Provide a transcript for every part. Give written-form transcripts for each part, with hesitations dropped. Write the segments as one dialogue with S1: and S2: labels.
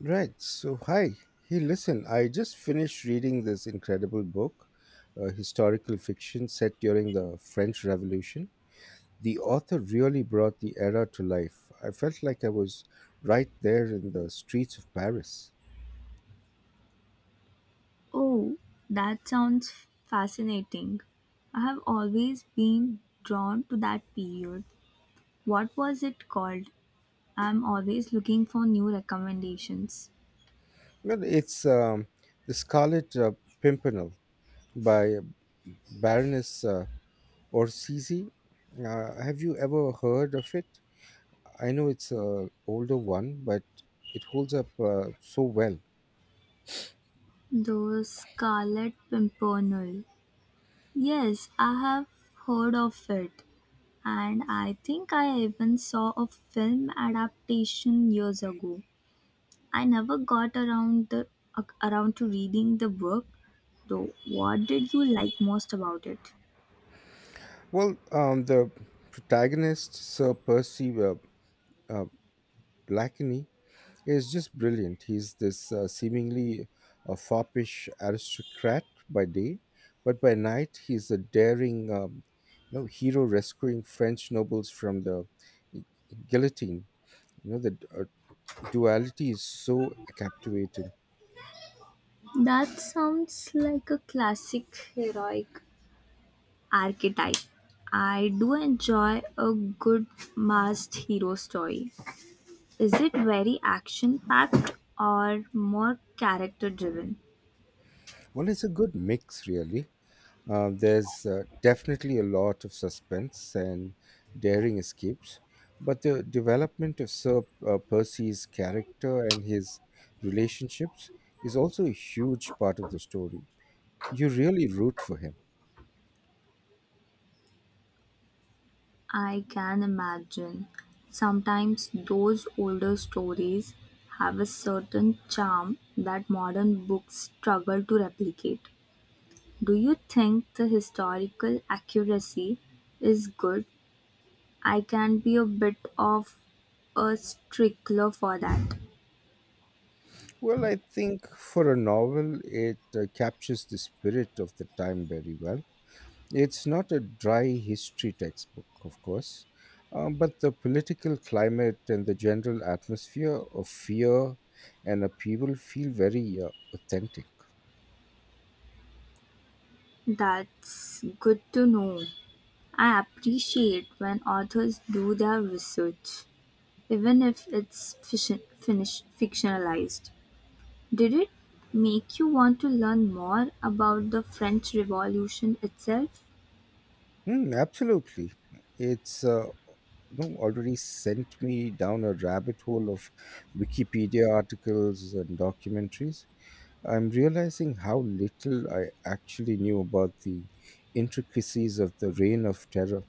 S1: Right. So, hi. Hey, listen, I just finished reading this incredible book, historical fiction set during the French Revolution. The author really brought the era to life. I felt like I was right there in the streets of Paris.
S2: Oh, that sounds fascinating. I have always been drawn to that period. What was it called? I'm always looking for new recommendations.
S1: Well, it's The Scarlet Pimpernel by Baroness Orsisi. Have you ever heard of it? I know it's an older one, but it holds up so well.
S2: The Scarlet Pimpernel. Yes, I have heard of it, and I think I even saw a film adaptation years ago. I never got around to reading the book, though. What did you like most about it?
S1: Well, the protagonist, Sir Percy uh, Blakeney, is just brilliant. He's this seemingly foppish aristocrat by day, but by night he's a daring hero rescuing French nobles from the guillotine. The duality is so captivating.
S2: That sounds like a classic heroic archetype. I do enjoy a good masked hero story. Is it very action packed or more character driven?
S1: Well, it's a good mix, really. There's definitely a lot of suspense and daring escapes, but the development of Sir Percy's character and his relationships is also a huge part of the story. You really root for him.
S2: I can imagine. Sometimes those older stories have a certain charm that modern books struggle to replicate. Do you think the historical accuracy is good? I can be a bit of a stickler for that.
S1: Well, I think for a novel, it captures the spirit of the time very well. It's not a dry history textbook, of course, but the political climate and the general atmosphere of fear and upheaval feel very authentic.
S2: That's good to know. I appreciate when authors do their research, even if it's fictionalized. Did it make you want to learn more about the French Revolution itself?
S1: Mm, absolutely. It's already sent me down a rabbit hole of Wikipedia articles and documentaries. I'm realizing how little I actually knew about the intricacies of the reign of terror.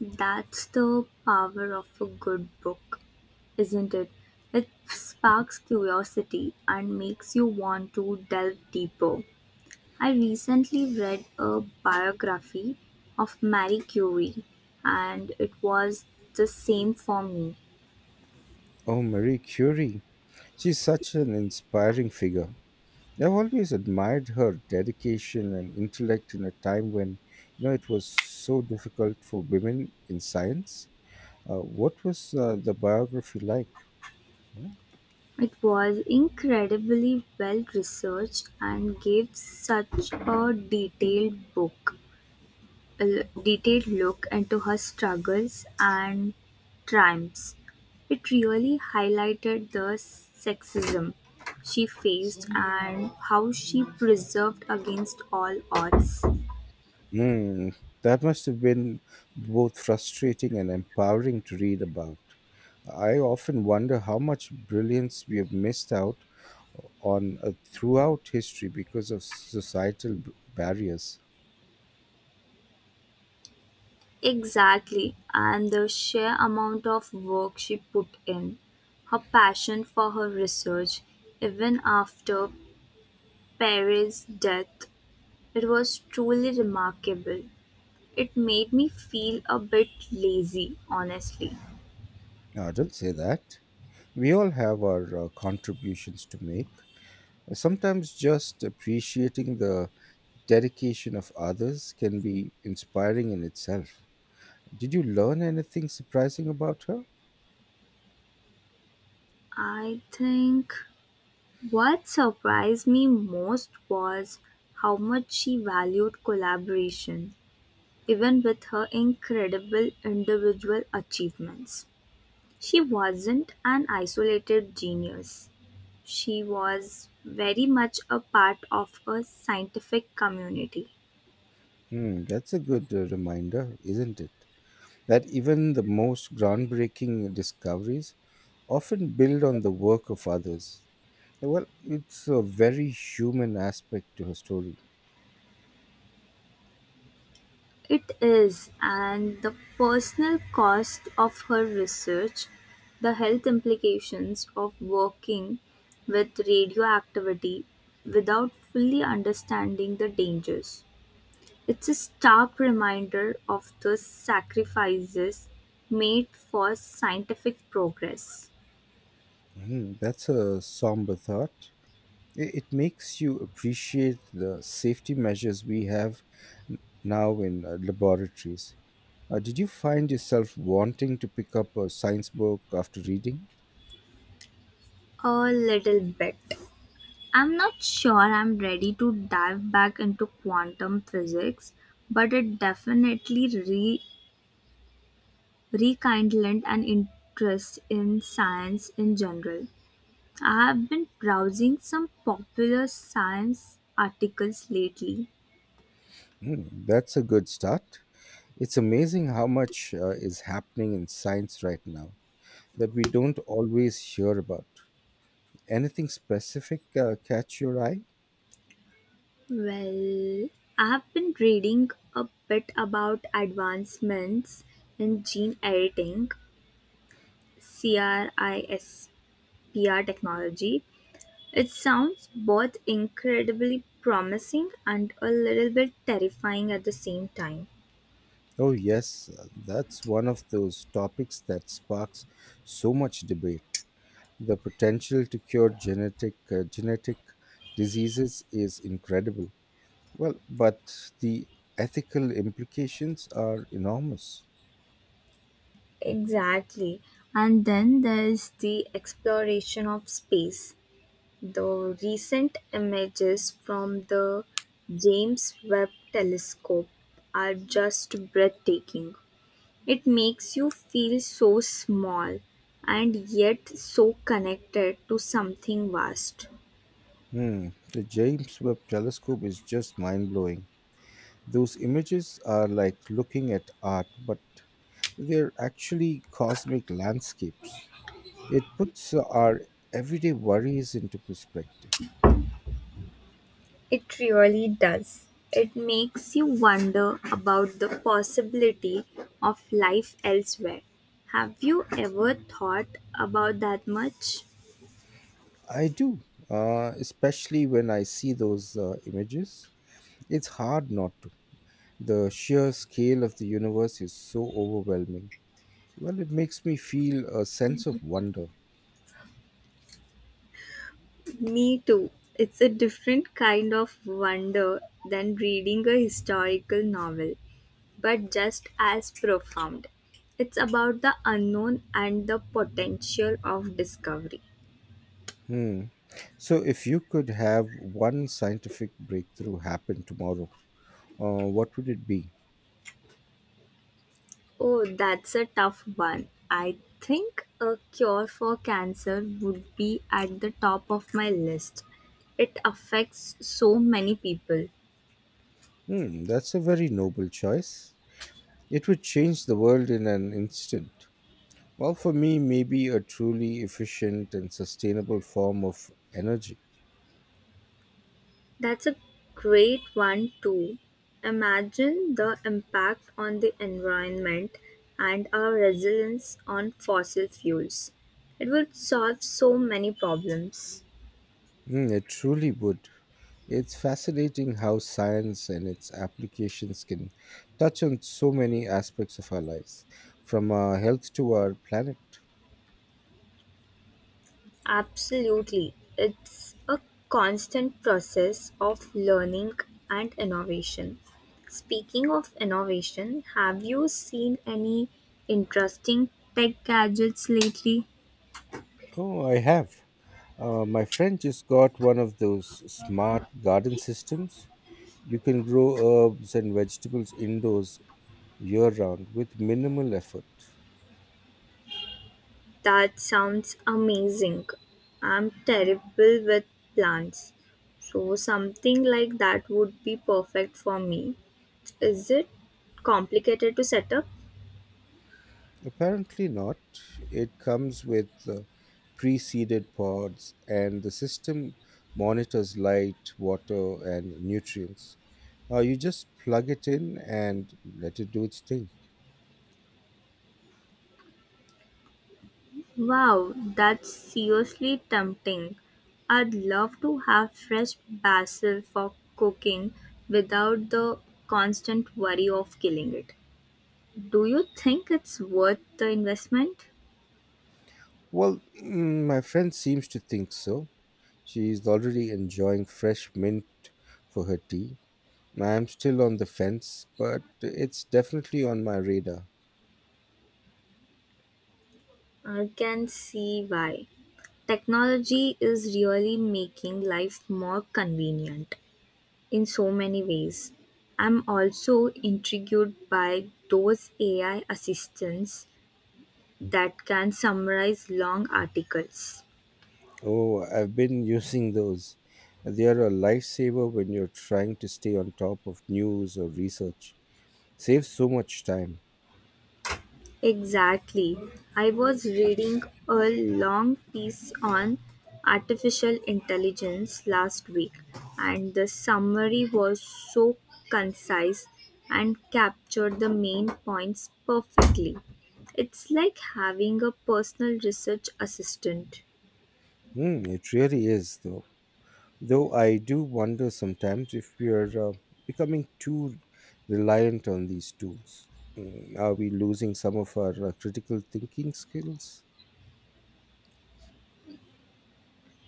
S2: That's the power of a good book, isn't it? It sparks curiosity and makes you want to delve deeper. I recently read a biography of Marie Curie, and it was the same for me.
S1: Oh, Marie Curie. She's such an inspiring figure. I've always admired her dedication and intellect in a time when it was so difficult for women in science. What was the biography like?
S2: It was incredibly well researched and gave such a a detailed look into her struggles and triumphs. It really highlighted the sexism she faced and how she preserved against all odds.
S1: Hmm, that must have been both frustrating and empowering to read about. I often wonder how much brilliance we have missed out on throughout history because of societal barriers.
S2: Exactly, and the sheer amount of work she put in, her passion for her research, even after Perry's death, it was truly remarkable. It made me feel a bit lazy, honestly.
S1: No, I don't say that. We all have our contributions to make. Sometimes just appreciating the dedication of others can be inspiring in itself. Did you learn anything surprising about her?
S2: I think what surprised me most was how much she valued collaboration, even with her incredible individual achievements. She wasn't an isolated genius. She was very much a part of a scientific community.
S1: Hmm, that's a good reminder, isn't it? That even the most groundbreaking discoveries often build on the work of others. Well, it's a very human aspect to her story.
S2: It is, and the personal cost of her research, the health implications of working with radioactivity without fully understanding the dangers. It's a stark reminder of the sacrifices made for scientific progress.
S1: Hmm, that's a somber thought. It makes you appreciate the safety measures we have now in laboratories. Did you find yourself wanting to pick up a science book after reading?
S2: A little bit. I'm not sure I'm ready to dive back into quantum physics, but it definitely rekindled an interest in science in general. I have been browsing some popular science articles lately.
S1: Hmm, that's a good start. It's amazing how much is happening in science right now that we don't always hear about. Anything specific catch your eye?
S2: Well, I have been reading a bit about advancements in gene editing, CRISPR technology. It sounds both incredibly promising and a little bit terrifying at the same time.
S1: Oh, yes, that's one of those topics that sparks so much debate. The potential to cure genetic diseases is incredible. Well, but the ethical implications are enormous.
S2: Exactly. And then there's the exploration of space. The recent images from the James Webb telescope are just breathtaking. It makes you feel so small and yet so connected to something vast.
S1: Hmm. The James Webb Telescope is just mind blowing. Those images are like looking at art, but they're actually cosmic landscapes. It puts our everyday worries into perspective.
S2: It really does. It makes you wonder about the possibility of life elsewhere. Have you ever thought about that much?
S1: I do, especially when I see those images. It's hard not to. The sheer scale of the universe is so overwhelming. Well, it makes me feel a sense of wonder.
S2: Me too. It's a different kind of wonder than reading a historical novel, but just as profound. It's about the unknown and the potential of discovery.
S1: Hmm. So, if you could have one scientific breakthrough happen tomorrow, what would it be?
S2: Oh, that's a tough one. I think a cure for cancer would be at the top of my list. It affects so many people.
S1: Hmm, that's a very noble choice. It would change the world in an instant. Well, for me, maybe a truly efficient and sustainable form of energy.
S2: That's a great one, too. Imagine the impact on the environment and our resilience on fossil fuels. It would solve so many problems.
S1: Mm, it truly would. It's fascinating how science and its applications can touch on so many aspects of our lives, from our health to our planet.
S2: Absolutely. It's a constant process of learning and innovation. Speaking of innovation, have you seen any interesting tech gadgets lately?
S1: Oh, I have. My friend just got one of those smart garden systems. You can grow herbs and vegetables indoors year round with minimal effort.
S2: That sounds amazing. I'm terrible with plants. So, something like that would be perfect for me. Is it complicated to set up?
S1: Apparently not. It comes with pre-seeded pods, and the system monitors light, water, and nutrients. You just plug it in and let it do its thing.
S2: Wow, that's seriously tempting. I'd love to have fresh basil for cooking without the constant worry of killing it. Do you think it's worth the investment?
S1: Well, mm, my friend seems to think so. She's already enjoying fresh mint for her tea. I'm still on the fence, but it's definitely on my radar.
S2: I can see why. Technology is really making life more convenient in so many ways. I'm also intrigued by those AI assistants that can summarize long articles.
S1: Oh, I've been using those. They are a lifesaver when you're trying to stay on top of news or research. Saves so much time.
S2: Exactly. I was reading a long piece on artificial intelligence last week, and the summary was so concise and captured the main points perfectly. It's like having a personal research assistant.
S1: Hmm, it really is, though. Though I do wonder sometimes if we are becoming too reliant on these tools. Hmm, are we losing some of our critical thinking skills?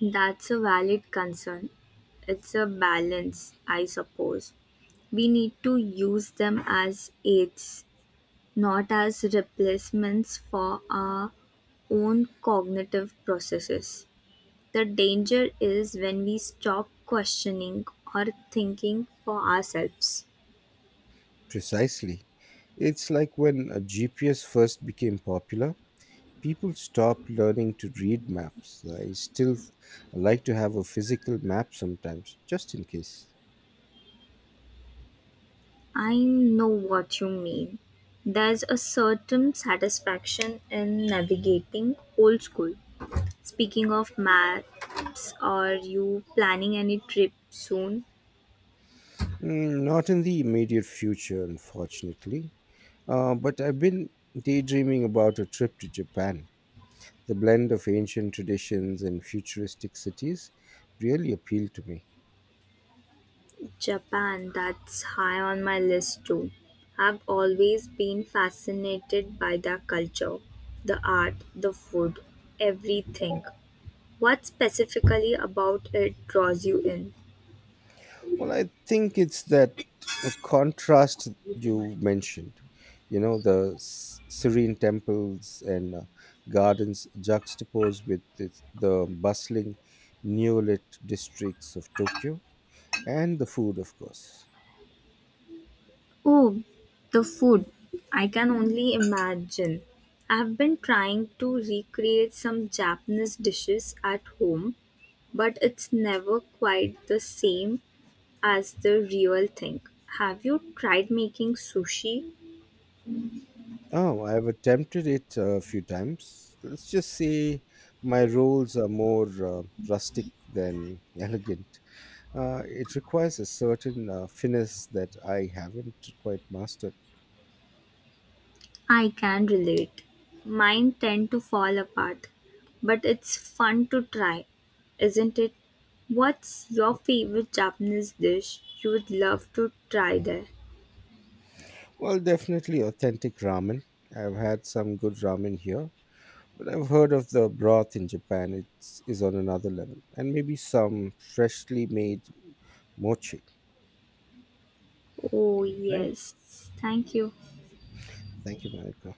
S2: That's a valid concern. It's a balance, I suppose. We need to use them as aids, not as replacements for our own cognitive processes. The danger is when we stop questioning or thinking for ourselves.
S1: Precisely. It's like when a GPS first became popular. People stop learning to read maps. I still like to have a physical map sometimes, just in case.
S2: I know what you mean. There's a certain satisfaction in navigating old school. Speaking of maps, are you planning any trip soon?
S1: Mm, not in the immediate future, unfortunately. But I've been daydreaming about a trip to Japan. The blend of ancient traditions and futuristic cities really appealed to me.
S2: Japan, that's high on my list too. I've always been fascinated by their culture, the art, the food, everything. What specifically about it draws you in?
S1: Well, I think it's that contrast you mentioned. You know, the serene temples and gardens juxtaposed with this, the bustling, neolith districts of Tokyo and the food, of course.
S2: Oh, the food. I can only imagine. I've been trying to recreate some Japanese dishes at home, but it's never quite the same as the real thing. Have you tried making sushi?
S1: Oh, I've attempted it a few times. Let's just say my rolls are more rustic than elegant. It requires a certain finesse that I haven't quite mastered.
S2: I can relate. Mine tend to fall apart, but it's fun to try, isn't it? What's your favorite Japanese dish you would love to try there?
S1: Well, definitely authentic ramen. I've had some good ramen here, but I've heard of the broth in Japan. It's is on another level, and maybe some freshly made mochi.
S2: Oh,
S1: Right?
S2: yes. Thank you.
S1: Thank you, Monica.